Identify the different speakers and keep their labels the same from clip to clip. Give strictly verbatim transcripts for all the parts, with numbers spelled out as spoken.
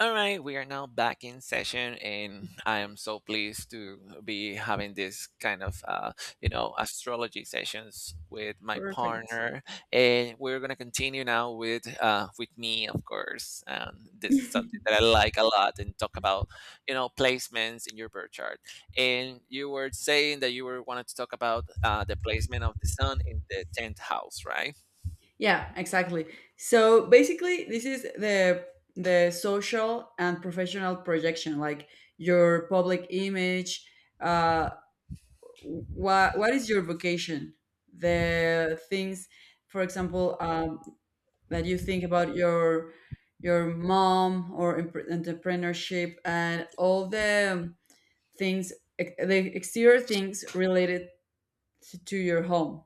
Speaker 1: All right, we are now back in session, and I am so pleased to be having this kind of, uh, you know, astrology sessions with my
Speaker 2: Perfect.
Speaker 1: partner, and we're gonna continue now with, uh, with me, of course. Um, this is something that I like a lot, and talk about, you know, placements in your birth chart. And you were saying that you were wanted to talk about uh, the placement of the sun in the tenth house, right?
Speaker 2: Yeah, exactly. So basically, this is the the social and professional projection, like your public image. Uh, what what is your vocation? The things, for example, um, that you think about your your mom or empre- entrepreneurship and all the things, the exterior things related to your home,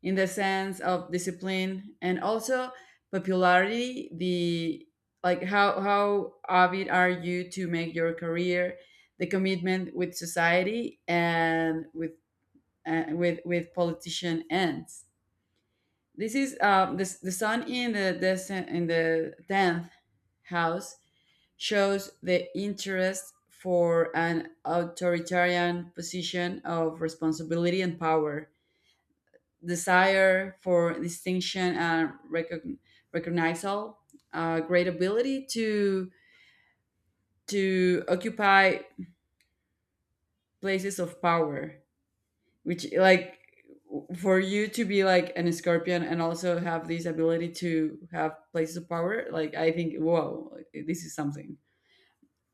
Speaker 2: in the sense of discipline and also popularity, the like how how avid are you to make your career, the commitment with society and with, uh, with with politician ends. This is um the the sun in the descent in the tenth house, shows the interest for an authoritarian position of responsibility and power, desire for distinction and recogn- recognizal, a great ability to to occupy places of power, which, like, for you to be like an scorpion and also have this ability to have places of power, like, I think, whoa, this is something.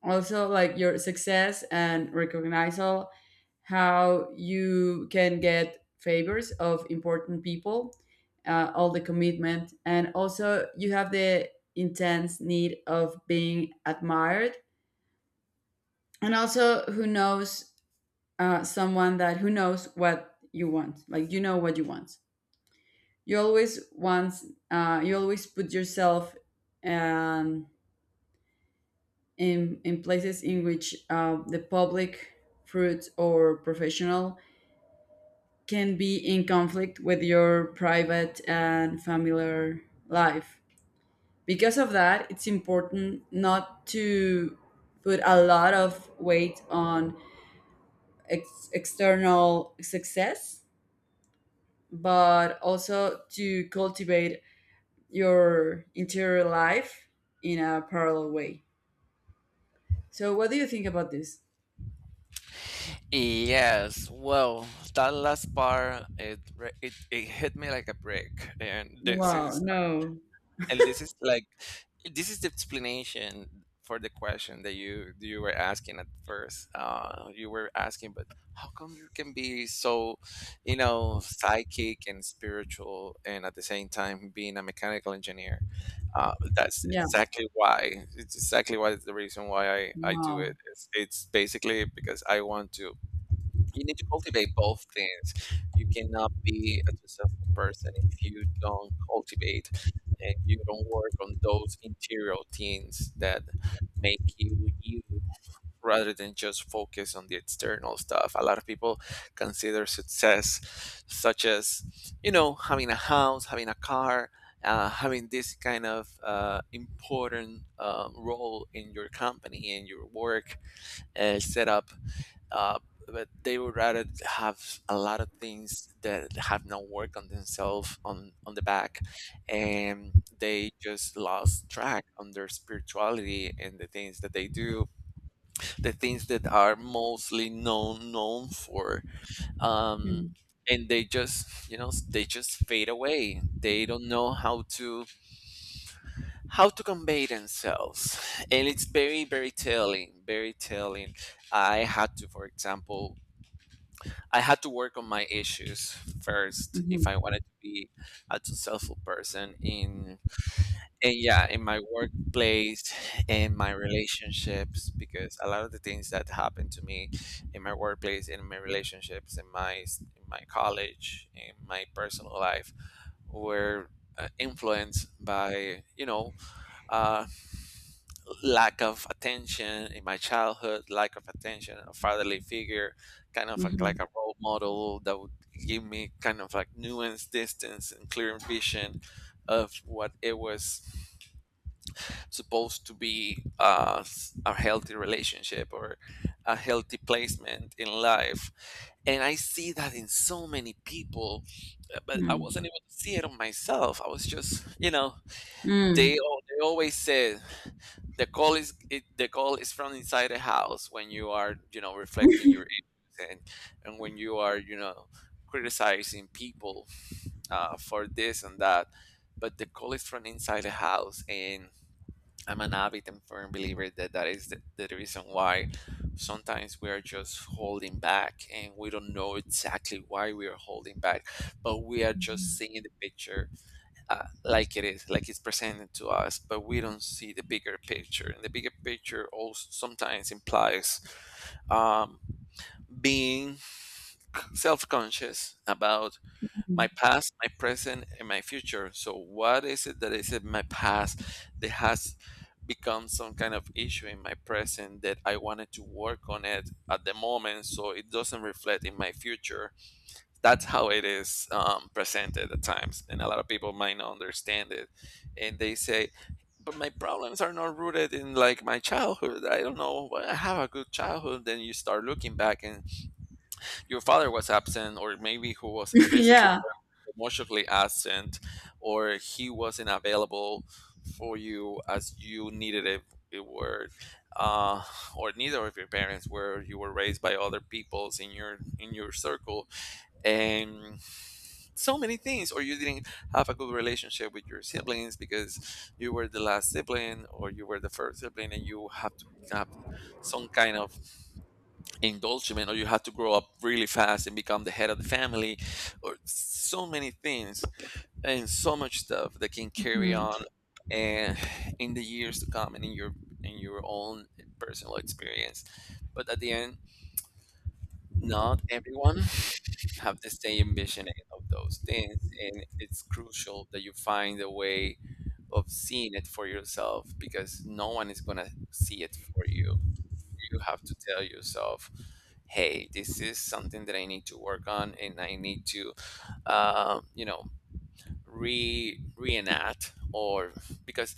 Speaker 2: Also, like your success and recognize all how you can get favors of important people, uh, all the commitment. And also you have the intense need of being admired, and also who knows, uh, someone that who knows what you want, like, you know what you want, you always want, uh, you always put yourself um, in, in places in which, uh, the public, fruit, or professional can be in conflict with your private and familiar life. Because of that, it's important not to put a lot of weight on ex- external success, but also to cultivate your interior life in a parallel way. So, what do you think about this?
Speaker 1: Yes, well, that last part it re- it, it hit me like a brick, and this
Speaker 2: Wow,
Speaker 1: is
Speaker 2: no.
Speaker 1: and this is like this is the explanation for the question that you you were asking at first. Uh, you were asking, but how come you can be so, you know, psychic and spiritual, and at the same time being a mechanical engineer? Uh, that's
Speaker 2: Yeah,
Speaker 1: exactly why. It's exactly why the reason why I I do
Speaker 2: wow.
Speaker 1: it. It's, it's basically because I want to, you need to cultivate both things. You cannot be a successful person if you don't cultivate and you don't work on those interior things that make you you rather than just focus on the external stuff. A lot of people consider success such as, you know, having a house, having a car, uh, having this kind of uh, important um, role in your company and your work uh, set up uh, but they would rather have a lot of things that have no work on themselves on on the back, and they just lost track on their spirituality and the things that they do, the things that are mostly known known for, um
Speaker 2: Mhm.
Speaker 1: and they just, you know, they just fade away. They don't know how to how to convey themselves, and it's very very telling, very telling. i had to for example I had to work on my issues first if
Speaker 2: Mhm.
Speaker 1: I wanted to be a successful person in, and yeah, in my workplace, in my relationships, because a lot of the things that happened to me in my workplace, in my relationships, in my s- in my college, in my personal life were uh, influenced by, you know, uh, lack of attention in my childhood, lack of attention, a fatherly figure, kind of like,
Speaker 2: Mhm.
Speaker 1: like a role model that would give me kind of like nuanced distance and clear vision of what it was supposed to be uh, s- a healthy relationship or a healthy placement in life. And I see that in so many people, uh, but I
Speaker 2: Mm.
Speaker 1: wasn't able to see it on myself. I was just, you know, they,
Speaker 2: Mm.
Speaker 1: al- they always said, the call is it, the call is from inside the house when you are, you know, reflecting your issues, and and when you are, you know, criticizing people, uh, for this and that, but the call is from inside the house, and I'm an avid and firm believer that that is the, the reason why sometimes we are just holding back and we don't know exactly why we are holding back, but we are just seeing the picture, uh, like it is, like it's presented to us, but we don't see the bigger picture. And the bigger picture also sometimes implies, um, being self conscious about my
Speaker 2: Mhm.
Speaker 1: past, my present, and my future. So, what is it that is in my past that has become some kind of issue in my present that I wanted to work on it at the moment so it doesn't reflect in my future? That's how it is, um, presented at times, and a lot of people might not understand it. And they say, "But my problems are not rooted in like my childhood. I don't know. I have a good childhood." Then you start looking back, and your father was absent, or maybe who was physically
Speaker 2: Yeah.
Speaker 1: or emotionally absent, or he wasn't available for you as you needed it. It were, uh, or neither of your parents were. You were raised by other peoples in your in your circle, and so many things, or you didn't have a good relationship with your siblings because you were the last sibling or you were the first sibling and you have to have some kind of indulgement, or you have to grow up really fast and become the head of the family, or so many things and so much stuff that can carry
Speaker 2: Mhm.
Speaker 1: on, and in the years to come and in your in your own personal experience. But at the end, not everyone have the same ambition of those things, and it's crucial that you find a way of seeing it for yourself, because no one is going to see it for you. You have to tell yourself, hey, this is something that I need to work on, and I need to, um, you know, re reenact, or because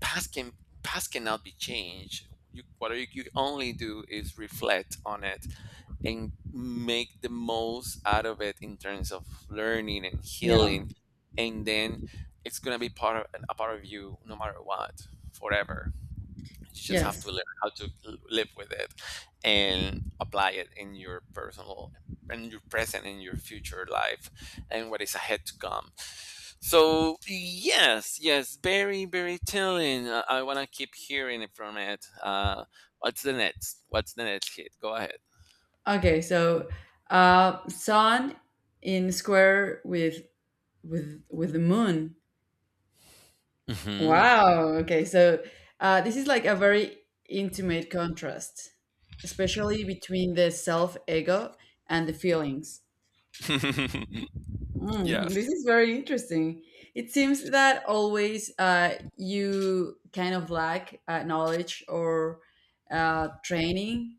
Speaker 1: past can, past cannot be changed. You, what you you only do is reflect on it and make the most out of it in terms of learning and
Speaker 2: Yeah.
Speaker 1: healing, and then it's gonna be part of a part of you no matter what, forever. You just have to
Speaker 2: Yes.
Speaker 1: learn how to l- live with it and apply it in your personal, in your present, in your future life and what is ahead to come. So yes, yes, very very telling. uh, I want to keep hearing it from it. Uh what's the next what's the next hit, go ahead.
Speaker 2: Okay. So, uh, sun in square with with with the moon.
Speaker 1: Hmm.
Speaker 2: Wow. Okay. So, uh, this is like a very intimate contrast, especially between the self ego and the feelings. Mm, this
Speaker 1: Yes.
Speaker 2: is very interesting. It seems that always, uh, you kind of lack, uh, knowledge or uh, training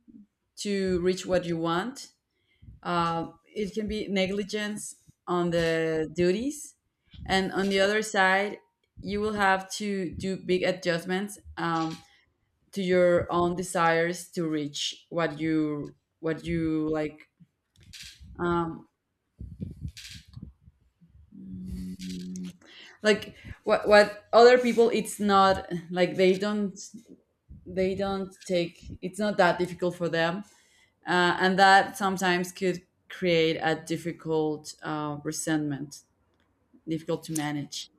Speaker 2: to reach what you want. Uh, it can be negligence on the duties. And on the other side, you will have to do big adjustments, um, to your own desires to reach what you what you like. um, Mm, like what what other people, it's not like they don't they don't take, it's not that difficult for them, uh, and that sometimes could create a difficult, uh, resentment, difficult to manage.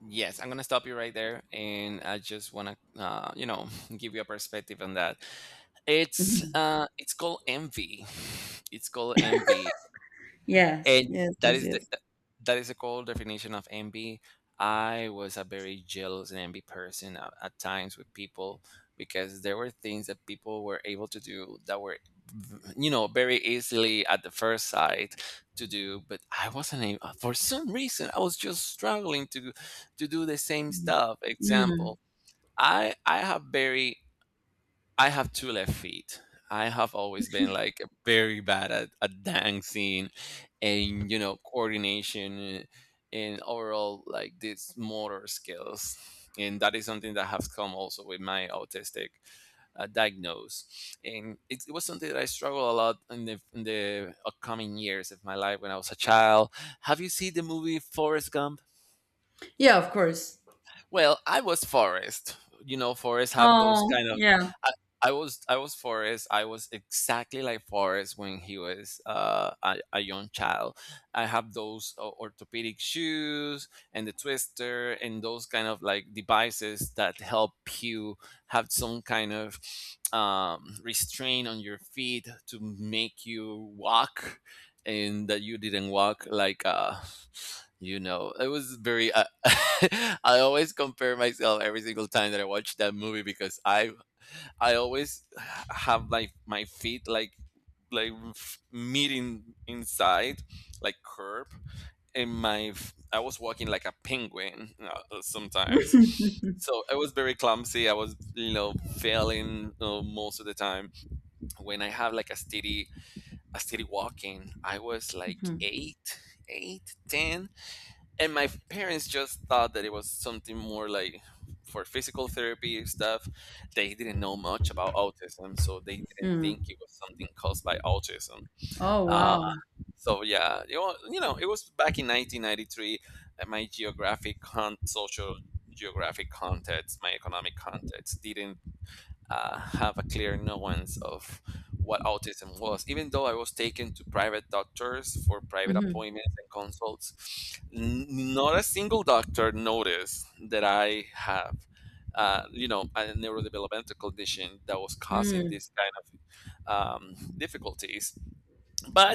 Speaker 1: Yes, I'm gonna stop you right there, and I just wanna, uh, you know, give you a perspective on that. It's
Speaker 2: Mhm.
Speaker 1: uh, it's called envy. It's called envy,
Speaker 2: Yes,
Speaker 1: and
Speaker 2: yes,
Speaker 1: that
Speaker 2: yes,
Speaker 1: is the
Speaker 2: yes.
Speaker 1: that that is the cold definition of envy. I was a very jealous and envy person at, at times with people, because there were things that people were able to do that were, v- you know, very easily at the first sight to do, but I wasn't able. For some reason, I was just struggling to to do the same stuff.
Speaker 2: Mm.
Speaker 1: Example, I I have very I have two left feet. I have always been like very bad at, at dancing and, you know, coordination and overall like these motor skills, and that is something that has come also with my autistic uh, diagnose, and it, it was something that I struggled a lot in the in the upcoming years of my life when I was a child. Have you seen the movie Forrest Gump?
Speaker 2: Yeah, of course.
Speaker 1: Well, I was Forrest. You know, Forrest have those
Speaker 2: Oh
Speaker 1: kind of.
Speaker 2: yeah.
Speaker 1: I, I was I was Forrest. I was exactly like Forrest when he was uh, a, a young child. I have those uh, orthopedic shoes and the twister and those kind of like devices that help you have some kind of um, restraint on your feet to make you walk, and that you didn't walk like uh you know, it was very uh, I always compare myself every single time that I watch that movie, because I I always have like my feet like, like f- meeting inside, like curb, and my f- I was walking like a penguin uh, sometimes. So I was very clumsy. I was, you know, failing uh, most of the time when I have like a steady, I started walking. I was like
Speaker 2: Mhm.
Speaker 1: eight, eight, ten, and my parents just thought that it was something more like for physical therapy stuff. They didn't know much about autism, so they didn't
Speaker 2: Mm.
Speaker 1: think it was something caused by autism.
Speaker 2: Oh
Speaker 1: Uh,
Speaker 2: wow.
Speaker 1: so yeah, you know, you know, it was back in nineteen ninety-three. uh, My geographic, con- social, geographic context, my economic context didn't uh, have a clear knowledge of what autism was. Even though I was taken to private doctors for private
Speaker 2: Mhm.
Speaker 1: appointments and consults, n- not a single doctor noticed that I have, uh, you know, a neurodevelopmental condition that was causing this kind of um, difficulties,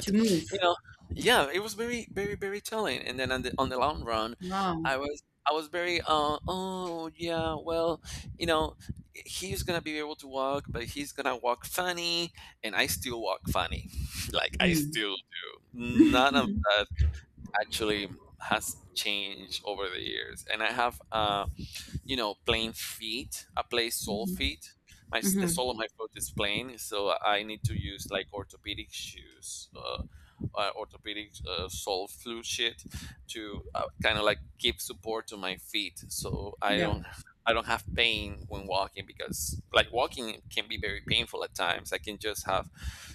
Speaker 2: To move.
Speaker 1: you know, yeah, it was very very very telling. And then on the on the long run, i
Speaker 2: Wow.
Speaker 1: was I was very uh oh yeah, well, you know, he's gonna be able to walk, but he's gonna walk funny, and I still walk funny. Like I
Speaker 2: Mm.
Speaker 1: still do. None of that actually has changed over the years, and I have uh you know, plain feet. I play sole
Speaker 2: Mhm.
Speaker 1: feet. My, the
Speaker 2: Mhm.
Speaker 1: sole of my foot is plain, so I need to use like orthopedic shoes, uh, uh, orthopedic uh, sole flu shit, to uh, kind of like give support to my feet, so I
Speaker 2: Yeah.
Speaker 1: don't I don't have pain when walking, because like walking can be very painful at times. I can just have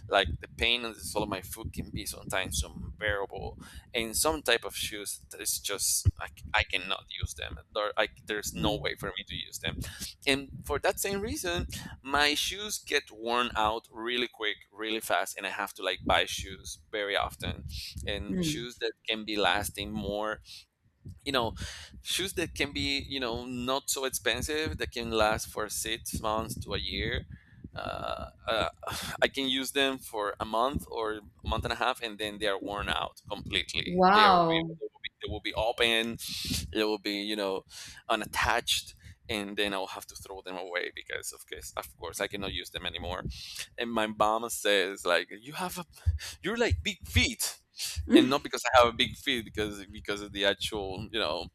Speaker 1: like the pain on the sole of my foot can be sometimes unbearable, and some type of shoes that is just I, c- I cannot use them. There, I, there's no
Speaker 2: Mm.
Speaker 1: way for me to use them, and for that same reason, my shoes get worn out really quick, really fast, and I have to like buy shoes very often, and
Speaker 2: Mm.
Speaker 1: shoes that can be lasting more you know Shoes that can be you know not so expensive that can last for six months to a year. uh, uh, I can use them for a month or a month and a half, and then they are worn out completely. they are
Speaker 2: Wow.
Speaker 1: they will be, they will be open. They will be you know unattached, and then I'll have to throw them away because of course of course I cannot use them anymore. And my mama says like you have a, you're like big feet. And not because I have a big feet, because because of the actual, you know,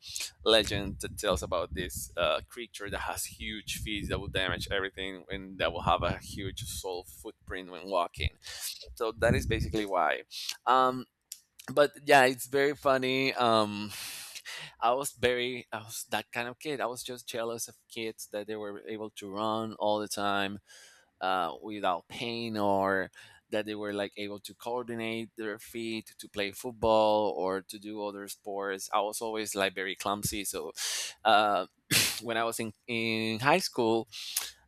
Speaker 1: legend that tells about this uh, creature that has huge feet that will damage everything and that will have a huge sole footprint when walking. So that is basically why. um but yeah, it's very funny. um I was very, I was that kind of kid. I was just jealous of kids that they were able to run all the time uh, without pain, or that they were like able to coordinate their feet to play football or to do other sports. I was always like very clumsy, so uh, when I was in, in high school,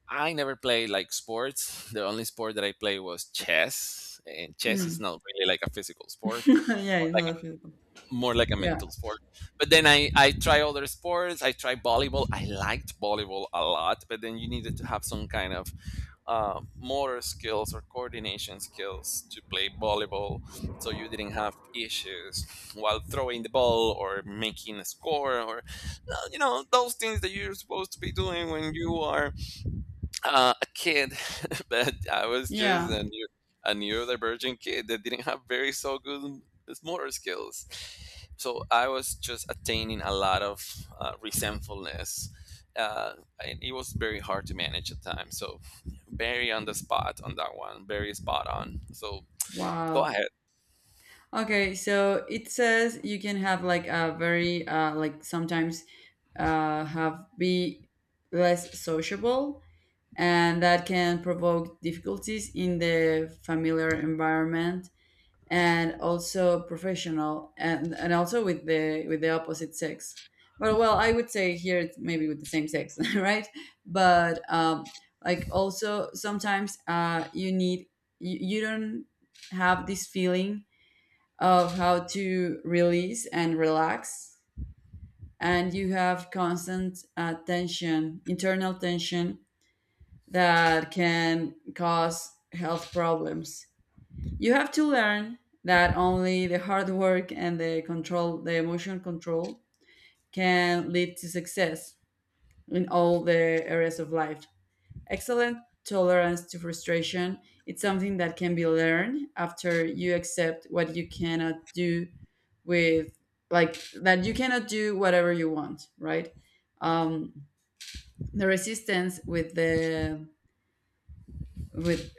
Speaker 1: I never played like sports. The only sport that I played was chess, and chess is
Speaker 2: Mm.
Speaker 1: not really like a physical sport,
Speaker 2: Yeah, it's not physical.
Speaker 1: more like a
Speaker 2: Yeah.
Speaker 1: mental sport. But then I, I try other sports. I try volleyball. I liked volleyball a lot, but then you needed to have some kind of uh, motor skills or coordination skills to play volleyball, so you didn't have issues while throwing the ball or making a score, or no, you know, those things that you're supposed to be doing when you are uh, a kid. that I was just
Speaker 2: Yeah.
Speaker 1: a, neu- a neurodivergent kid that didn't have very so good motor skills. So I was just attaining a lot of uh, resentfulness. Uh, and it was very hard to manage at times. So very on the spot on that one, very spot on. So go
Speaker 2: Wow.
Speaker 1: ahead.
Speaker 2: Okay, so it says you can have, like, a very, uh like sometimes, uh have be less sociable, and that can provoke difficulties in the familiar environment and also professional, and and also with the with the opposite sex, but, well, I would say here it's maybe with the same sex, right? But um, like, also sometimes, uh you need you, you don't have this feeling of how to release and relax, and you have constant, uh, tension, internal tension that can cause health problems. You have to learn that only the hard work and the control, the emotion control, can lead to success in all the areas of life. Excellent tolerance to frustration. It's something that can be learned after you accept what you cannot do, with, like, that you cannot do whatever you want, right? Um, the resistance with the, with,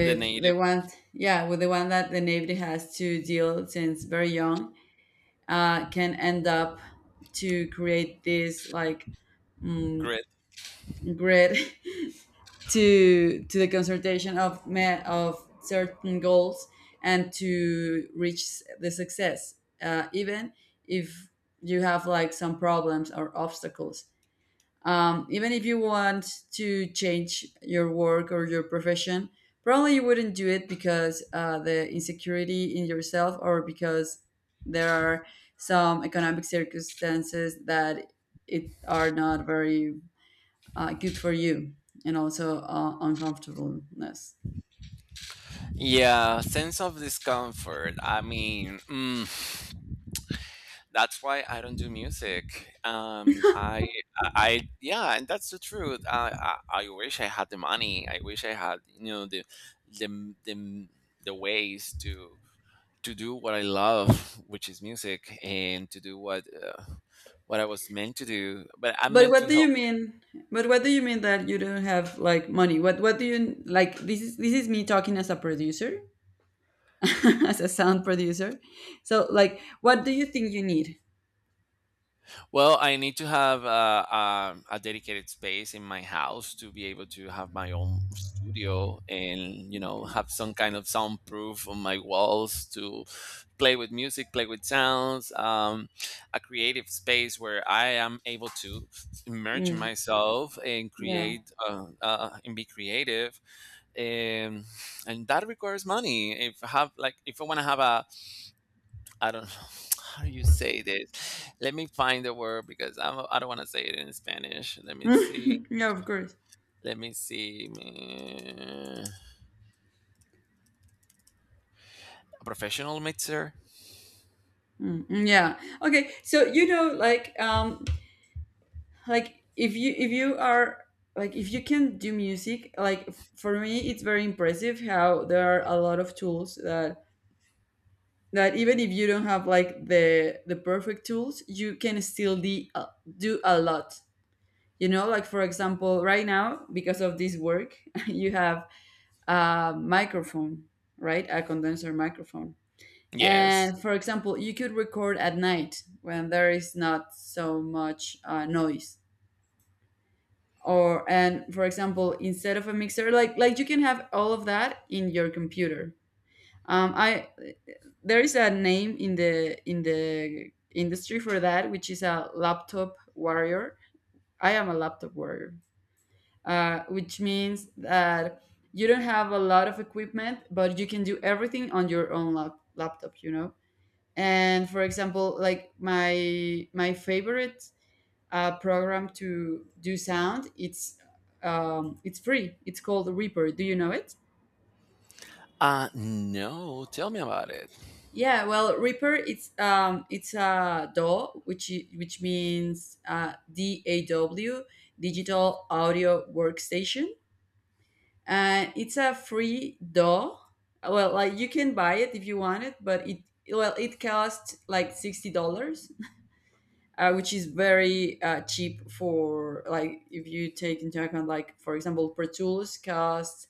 Speaker 1: The
Speaker 2: the
Speaker 1: native
Speaker 2: one, yeah, with the one that the Navy has to deal since very young, uh, can end up to create this, like, mm,
Speaker 1: grit.
Speaker 2: grid to to the consultation of me- of certain goals, and to reach the success, uh, even if you have, like, some problems or obstacles, um, even if you want to change your work or your profession, probably you wouldn't do it because, uh, the insecurity in yourself, or because there are some economic circumstances that it are not very, uh, good for you, and also, uh, uncomfortableness.
Speaker 1: Yeah, sense of discomfort. I mean, mm. That's why I don't do music. Um, I, I, yeah, and that's the truth. I, I, I wish I had the money. I wish I had, you know, the, the, the, the ways to to do what I love, which is music, and to do what uh, what I was meant to do. But I'm
Speaker 2: But
Speaker 1: meant
Speaker 2: what
Speaker 1: to
Speaker 2: do you
Speaker 1: help.
Speaker 2: mean? But what do you mean that you don't have, like, money? What what do you, like? This is this is me talking as a producer. As a sound producer. So, like, what do you think you need?
Speaker 1: Well, I need to have uh, um, a dedicated space in my house to be able to have my own studio and, you know, have some kind of soundproof on my walls to play with music, play with sounds, um, a creative space where I am able to immerse
Speaker 2: Mm,
Speaker 1: myself and
Speaker 2: yeah.
Speaker 1: create uh, uh, and be creative. And, and that requires money. If I have like, if I want to have a, I don't know, how do you say this? Let me find the word because I'm, I don't want to say it in Spanish. Let me see.
Speaker 2: Yeah, of course.
Speaker 1: Let me see. Mm, a professional mixer?
Speaker 2: Mm, mm, yeah. Okay. So you know, like, um, like if you if you are, like, if you can do music, like, f- for me, it's very impressive how there are a lot of tools, that that even if you don't have, like, the the perfect tools, you can still de- uh, do a lot. You know, like, for example, right now, because of this work, you have a microphone, right? A condenser microphone.
Speaker 1: Yes.
Speaker 2: And for example, you could record at night when there is not so much, uh, noise. Or, and for example, instead of a mixer, like, like you can have all of that in your computer. Um, I There is a name in the in the industry for that, which is a laptop warrior. I am a laptop warrior, uh, which means that you don't have a lot of equipment, but you can do everything on your own, lap- laptop, you know. And for example, like, my my favorite, uh, program to do sound, it's um, it's free. It's called Reaper. Do you know it?
Speaker 1: Uh no, tell me about it.
Speaker 2: Yeah, well, Reaper, it's um it's a D A W, which, i- which means, uh, D A W, digital audio workstation, and it's a free doll. Well, like, you can buy it if you want it, but it well it costs like sixty dollars, uh, which is very, uh, cheap for, like, if you take into account, like, for example, Pro Tools costs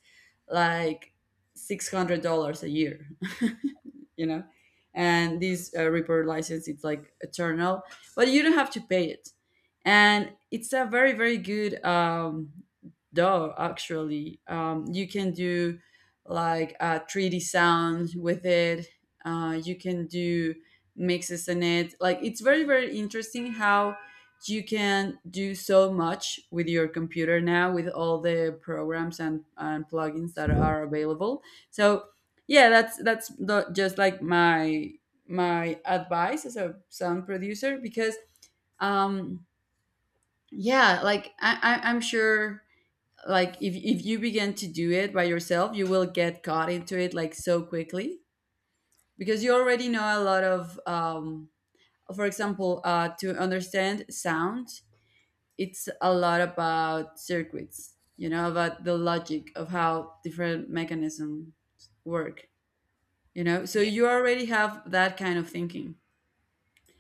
Speaker 2: like six hundred dollars a year, you know, and this, uh, Reaper license, it's like eternal, but you don't have to pay it, and it's a very, very good, um, D A W, actually. Um, you can do, like, uh, three D sound with it. Uh, you can do mixes in it. Like, it's very, very interesting how you can do so much with your computer now, with all the programs, and, and plugins, that are available. So yeah, that's that's the, just like my my advice as a sound producer. Because, um yeah, like, I, I, I'm sure, like, if, if you begin to do it by yourself, you will get caught into it, like, so quickly, because you already know a lot of, um for example, uh, to understand sound, it's a lot about circuits, you know, about the logic of how different mechanisms work, you know. So
Speaker 1: Yeah.
Speaker 2: you already have that kind of thinking,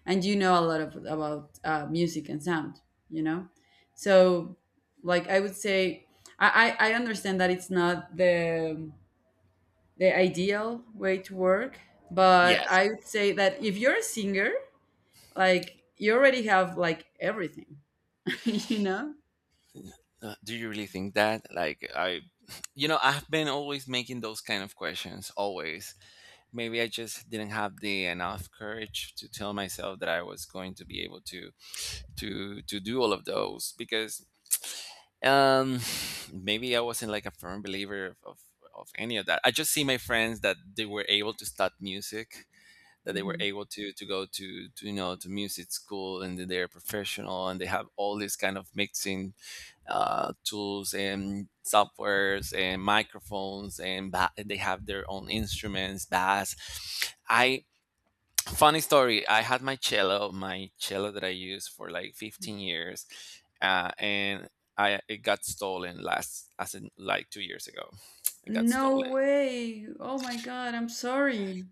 Speaker 2: and you know a lot of about, uh, music and sound, you know. So, like, I would say, I I, I understand that it's not the the ideal way to work, but
Speaker 1: Yes.
Speaker 2: I would say that if you're a singer, like, you already have, like, everything, you know?
Speaker 1: Uh, do you really think that? Like I you know, I've been always making those kind of questions always. Maybe I just didn't have the enough courage to tell myself that I was going to be able to to to do all of those because Um, maybe I wasn't like a firm believer of, of of any of that. I just see my friends that they were able to start music, that they were
Speaker 2: Hmm.
Speaker 1: able to to go to, to, you know, to music school, and that they're professional, and they have all these kind of mixing uh, tools and softwares and microphones, and ba- and they have their own instruments, bass. I, funny story. I had my cello, my cello that I used for like fifteen years, uh, and I it got stolen last, as in like two years ago. It got
Speaker 2: No
Speaker 1: stolen.
Speaker 2: way. Oh my God, I'm sorry.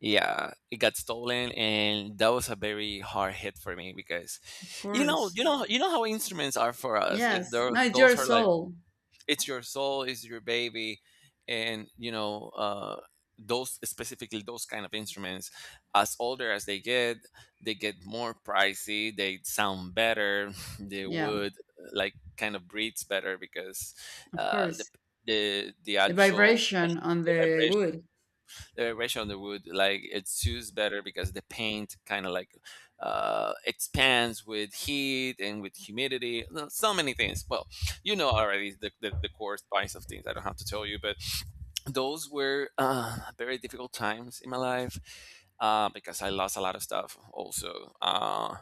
Speaker 1: Yeah, it got stolen, and that was a very hard hit for me because,
Speaker 2: Of
Speaker 1: you know,
Speaker 2: course.
Speaker 1: you know, you know how instruments are for us. It-
Speaker 2: Yes.
Speaker 1: They're,
Speaker 2: No, it's your
Speaker 1: those are like
Speaker 2: soul.
Speaker 1: it's your soul, it's your baby, and you know uh, those specifically those kind of instruments. As older as they get, they get more pricey. They sound better. They
Speaker 2: Yeah,
Speaker 1: would like kind of breathes better because
Speaker 2: of
Speaker 1: uh, the
Speaker 2: course.
Speaker 1: the the
Speaker 2: The
Speaker 1: actual
Speaker 2: vibration on
Speaker 1: the
Speaker 2: the
Speaker 1: vibration,
Speaker 2: wood.
Speaker 1: the ratio on the wood like it's used better because the paint kind of like uh, expands with heat and with humidity. No, so many things. Well, you know already the, the, the core spice of things. I don't have to tell you, but those were uh, very difficult times in my life uh, because I lost a lot of stuff also. Uh,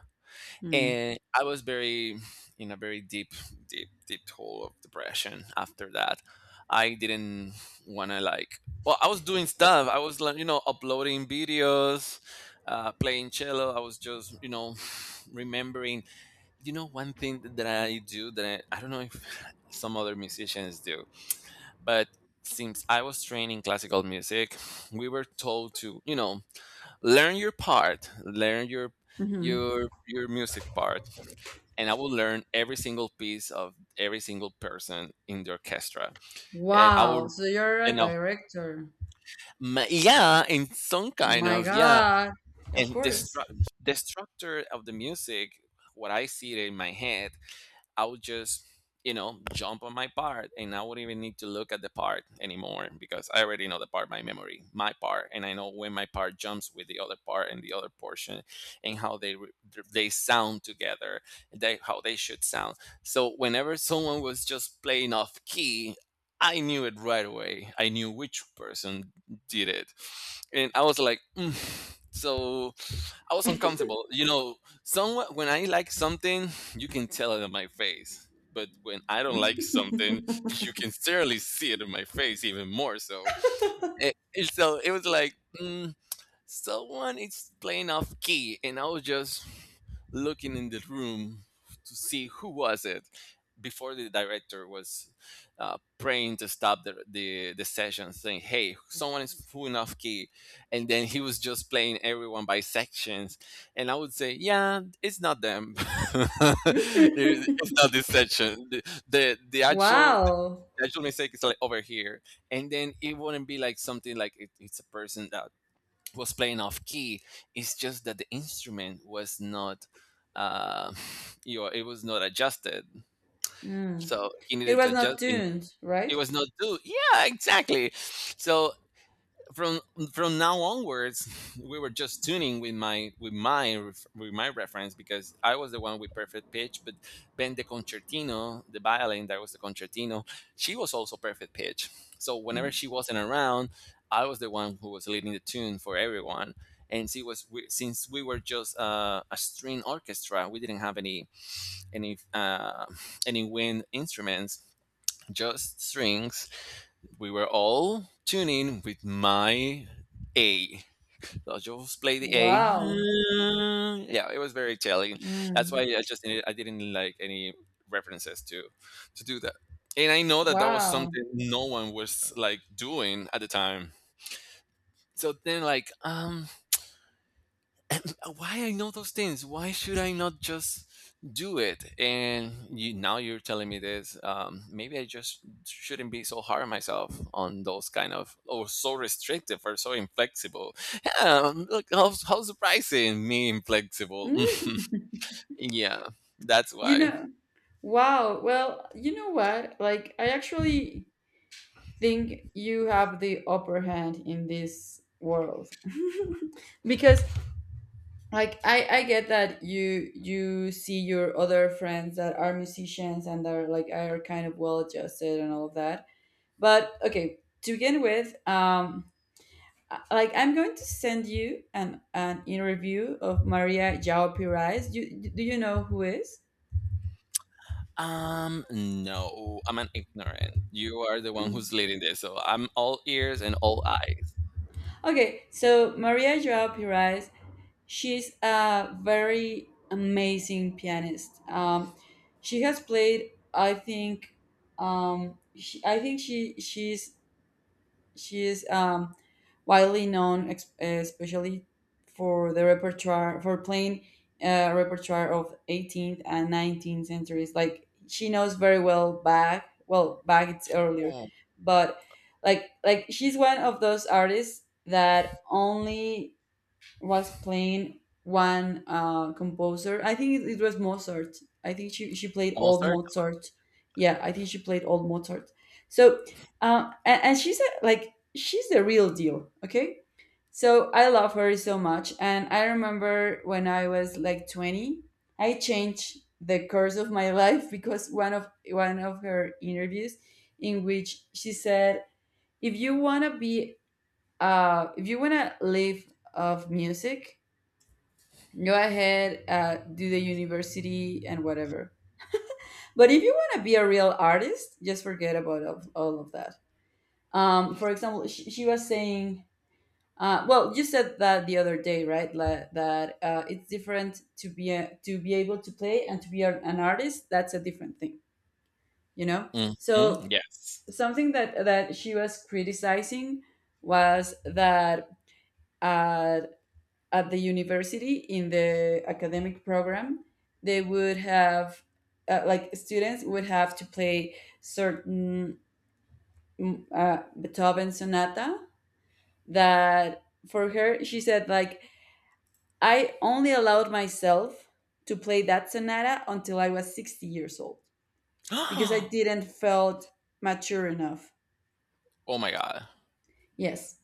Speaker 2: Hmm.
Speaker 1: And I was very in a very deep, deep, deep hole of depression after that. I didn't want to like. Well, I was doing stuff. I was like, you know, uploading videos, uh, playing cello. I was just, you know, remembering. You know, one thing that I do that I, I don't know if some other musicians do, but since I was trained in classical music, we were told to, you know, learn your part, learn your
Speaker 2: Hmm.
Speaker 1: your your music part, and I will learn every single piece of every single person in the orchestra. And I will,
Speaker 2: Wow. So you're a
Speaker 1: and I'll,
Speaker 2: director.
Speaker 1: ma- Yeah, in some kind
Speaker 2: My
Speaker 1: of, yeah.
Speaker 2: God. Of
Speaker 1: And the,
Speaker 2: course.
Speaker 1: stru- the structure of the music, what I see it in my head, I would just, you know, jump on my part, and I wouldn't even need to look at the part anymore because I already know the part by memory, my part, and I know when my part jumps with the other part and the other portion and how they re- they sound together, they how they should sound. So whenever someone was just playing off key, I knew it right away. I knew which person did it. And I was like, "Mm." So I was uncomfortable. You know, someone when I like something, you can tell it in my face. But when I don't like something, you can certainly see it in my face even more so. It, it's So it was like mm, someone is playing off key, and I was just looking in the room to see who was it before the director was uh, praying to stop the, the the session, saying, "Hey, someone is pulling off key," and then he was just playing everyone by sections, and I would say, "Yeah, it's not them. It- it's not this section. The the, the actual."
Speaker 2: Wow.
Speaker 1: The actual mistake is like over here, and then it wouldn't be like something like it, it's a person that was playing off key. It's just that the instrument was not uh you know, it was not adjusted,
Speaker 2: Mm.
Speaker 1: so he
Speaker 2: It
Speaker 1: needed to
Speaker 2: was not
Speaker 1: adjust it.
Speaker 2: tuned,
Speaker 1: It
Speaker 2: right?
Speaker 1: was not due, yeah, exactly. So from from now onwards, we were just tuning with my with my ref- with my reference because I was the one with perfect pitch. But Ben the concertino, the violin that was the concertino, she was also perfect pitch. So whenever
Speaker 2: Mm.
Speaker 1: she wasn't around, I was the one who was leading the tune for everyone. And she was we, since we were just uh, a string orchestra, we didn't have any any uh, any wind instruments, just strings. We were all tuning with my A. So I just play the A.
Speaker 2: Wow.
Speaker 1: Yeah, it was very Italian. That's why
Speaker 2: Mm.
Speaker 1: I just I didn't like any references to to do that. And I know that that was
Speaker 2: Wow.
Speaker 1: something no one was like doing at the time. So then, like, um, uh, why I know those things? Why should I not just do it? And you, now you're telling me this. Um, maybe I just shouldn't be so hard on myself on those kind of, or so restrictive or so inflexible. Yeah, um, look how how surprising me inflexible.
Speaker 2: Mm.
Speaker 1: Yeah, that's
Speaker 2: You
Speaker 1: why.
Speaker 2: know. Wow. Well, you know what? Like, I actually think you have the upper hand in this world, because, like, I, I get that you you see your other friends that are musicians and are, like, are kind of well adjusted and all of that. But, okay, to begin with, um I- like, I'm going to send you an an interview of Maria Jao Pires. You do you know who is.
Speaker 1: Um, no, I'm an ignorant. You are the one
Speaker 2: Mm.
Speaker 1: who's leading this, so I'm all ears and all eyes.
Speaker 2: Okay, so Maria Joao Pires. She's a very amazing pianist. Um, she has played, I think, um, she, I think she she's she is um, widely known, ex- especially for the repertoire for playing, uh, repertoire of eighteenth and nineteenth centuries. Like, she knows very well Bach. Well, Bach, it's earlier,
Speaker 1: Oh,
Speaker 2: but, like like she's one of those artists that only was playing one, uh, composer. I think it, it was Mozart. I think she, she played
Speaker 1: almost
Speaker 2: old
Speaker 1: certain.
Speaker 2: Mozart. Yeah, I think she played old Mozart. So, uh, and, and she's a, like, she's the real deal, okay? So I love her so much. And I remember when I was like twenty, I changed the course of my life because one of one of her interviews in which she said, if you want to be, uh, if you want to live of music, go ahead, uh, do the university and whatever, but if you want to be a real artist, just forget about, of- all of that. Um, for example, she, she was saying, uh, well, you said that the other day, right, La- that, uh, it's different to be a, to be able to play and to be a- an artist. That's a different thing, you know.
Speaker 1: Hmm,
Speaker 2: So,
Speaker 1: yes.
Speaker 2: something that that she was criticizing was that, uh, at the university, in the academic program, they would have, uh, like, students would have to play certain, mm, uh, beethoven sonata, that, for her, she said, like, I only allowed myself to play that sonata until I was sixty years old, because I
Speaker 1: Oh
Speaker 2: didn't felt mature enough.
Speaker 1: my god.
Speaker 2: Yes.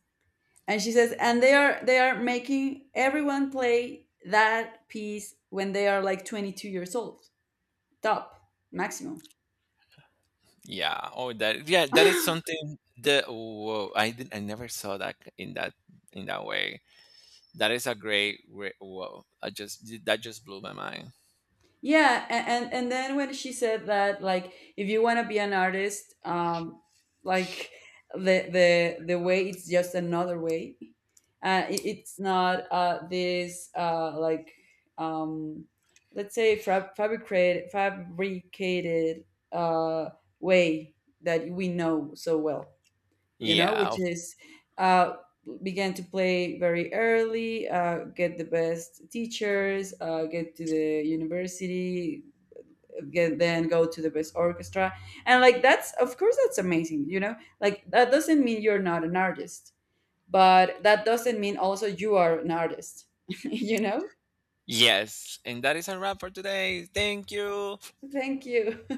Speaker 2: And she says, and they are they are making everyone play that piece when they are like twenty-two years old, top, maximum.
Speaker 1: Yeah. Oh, that. Yeah, that is something that. Whoa, I didn't. I never saw that in that in that way. That is a great. Re- Whoa, I just that just blew my mind.
Speaker 2: Yeah. A- and and then when she said that, like, if you want to be an artist, um like, the the the way, it's just another way, uh it, it's not, uh this, uh like, um let's say, fa- fabricated fabricated, uh way, that we know so well, you know, which
Speaker 1: Yeah.
Speaker 2: is, uh, began to play very early, uh, get the best teachers, uh, get to the university, get, then go to the best orchestra. And like, that's, of course, that's amazing, you know, like, that doesn't mean you're not an artist, but that doesn't mean also you are an artist. You know?
Speaker 1: Yes, and that is a wrap for today. Thank you.
Speaker 2: Thank you.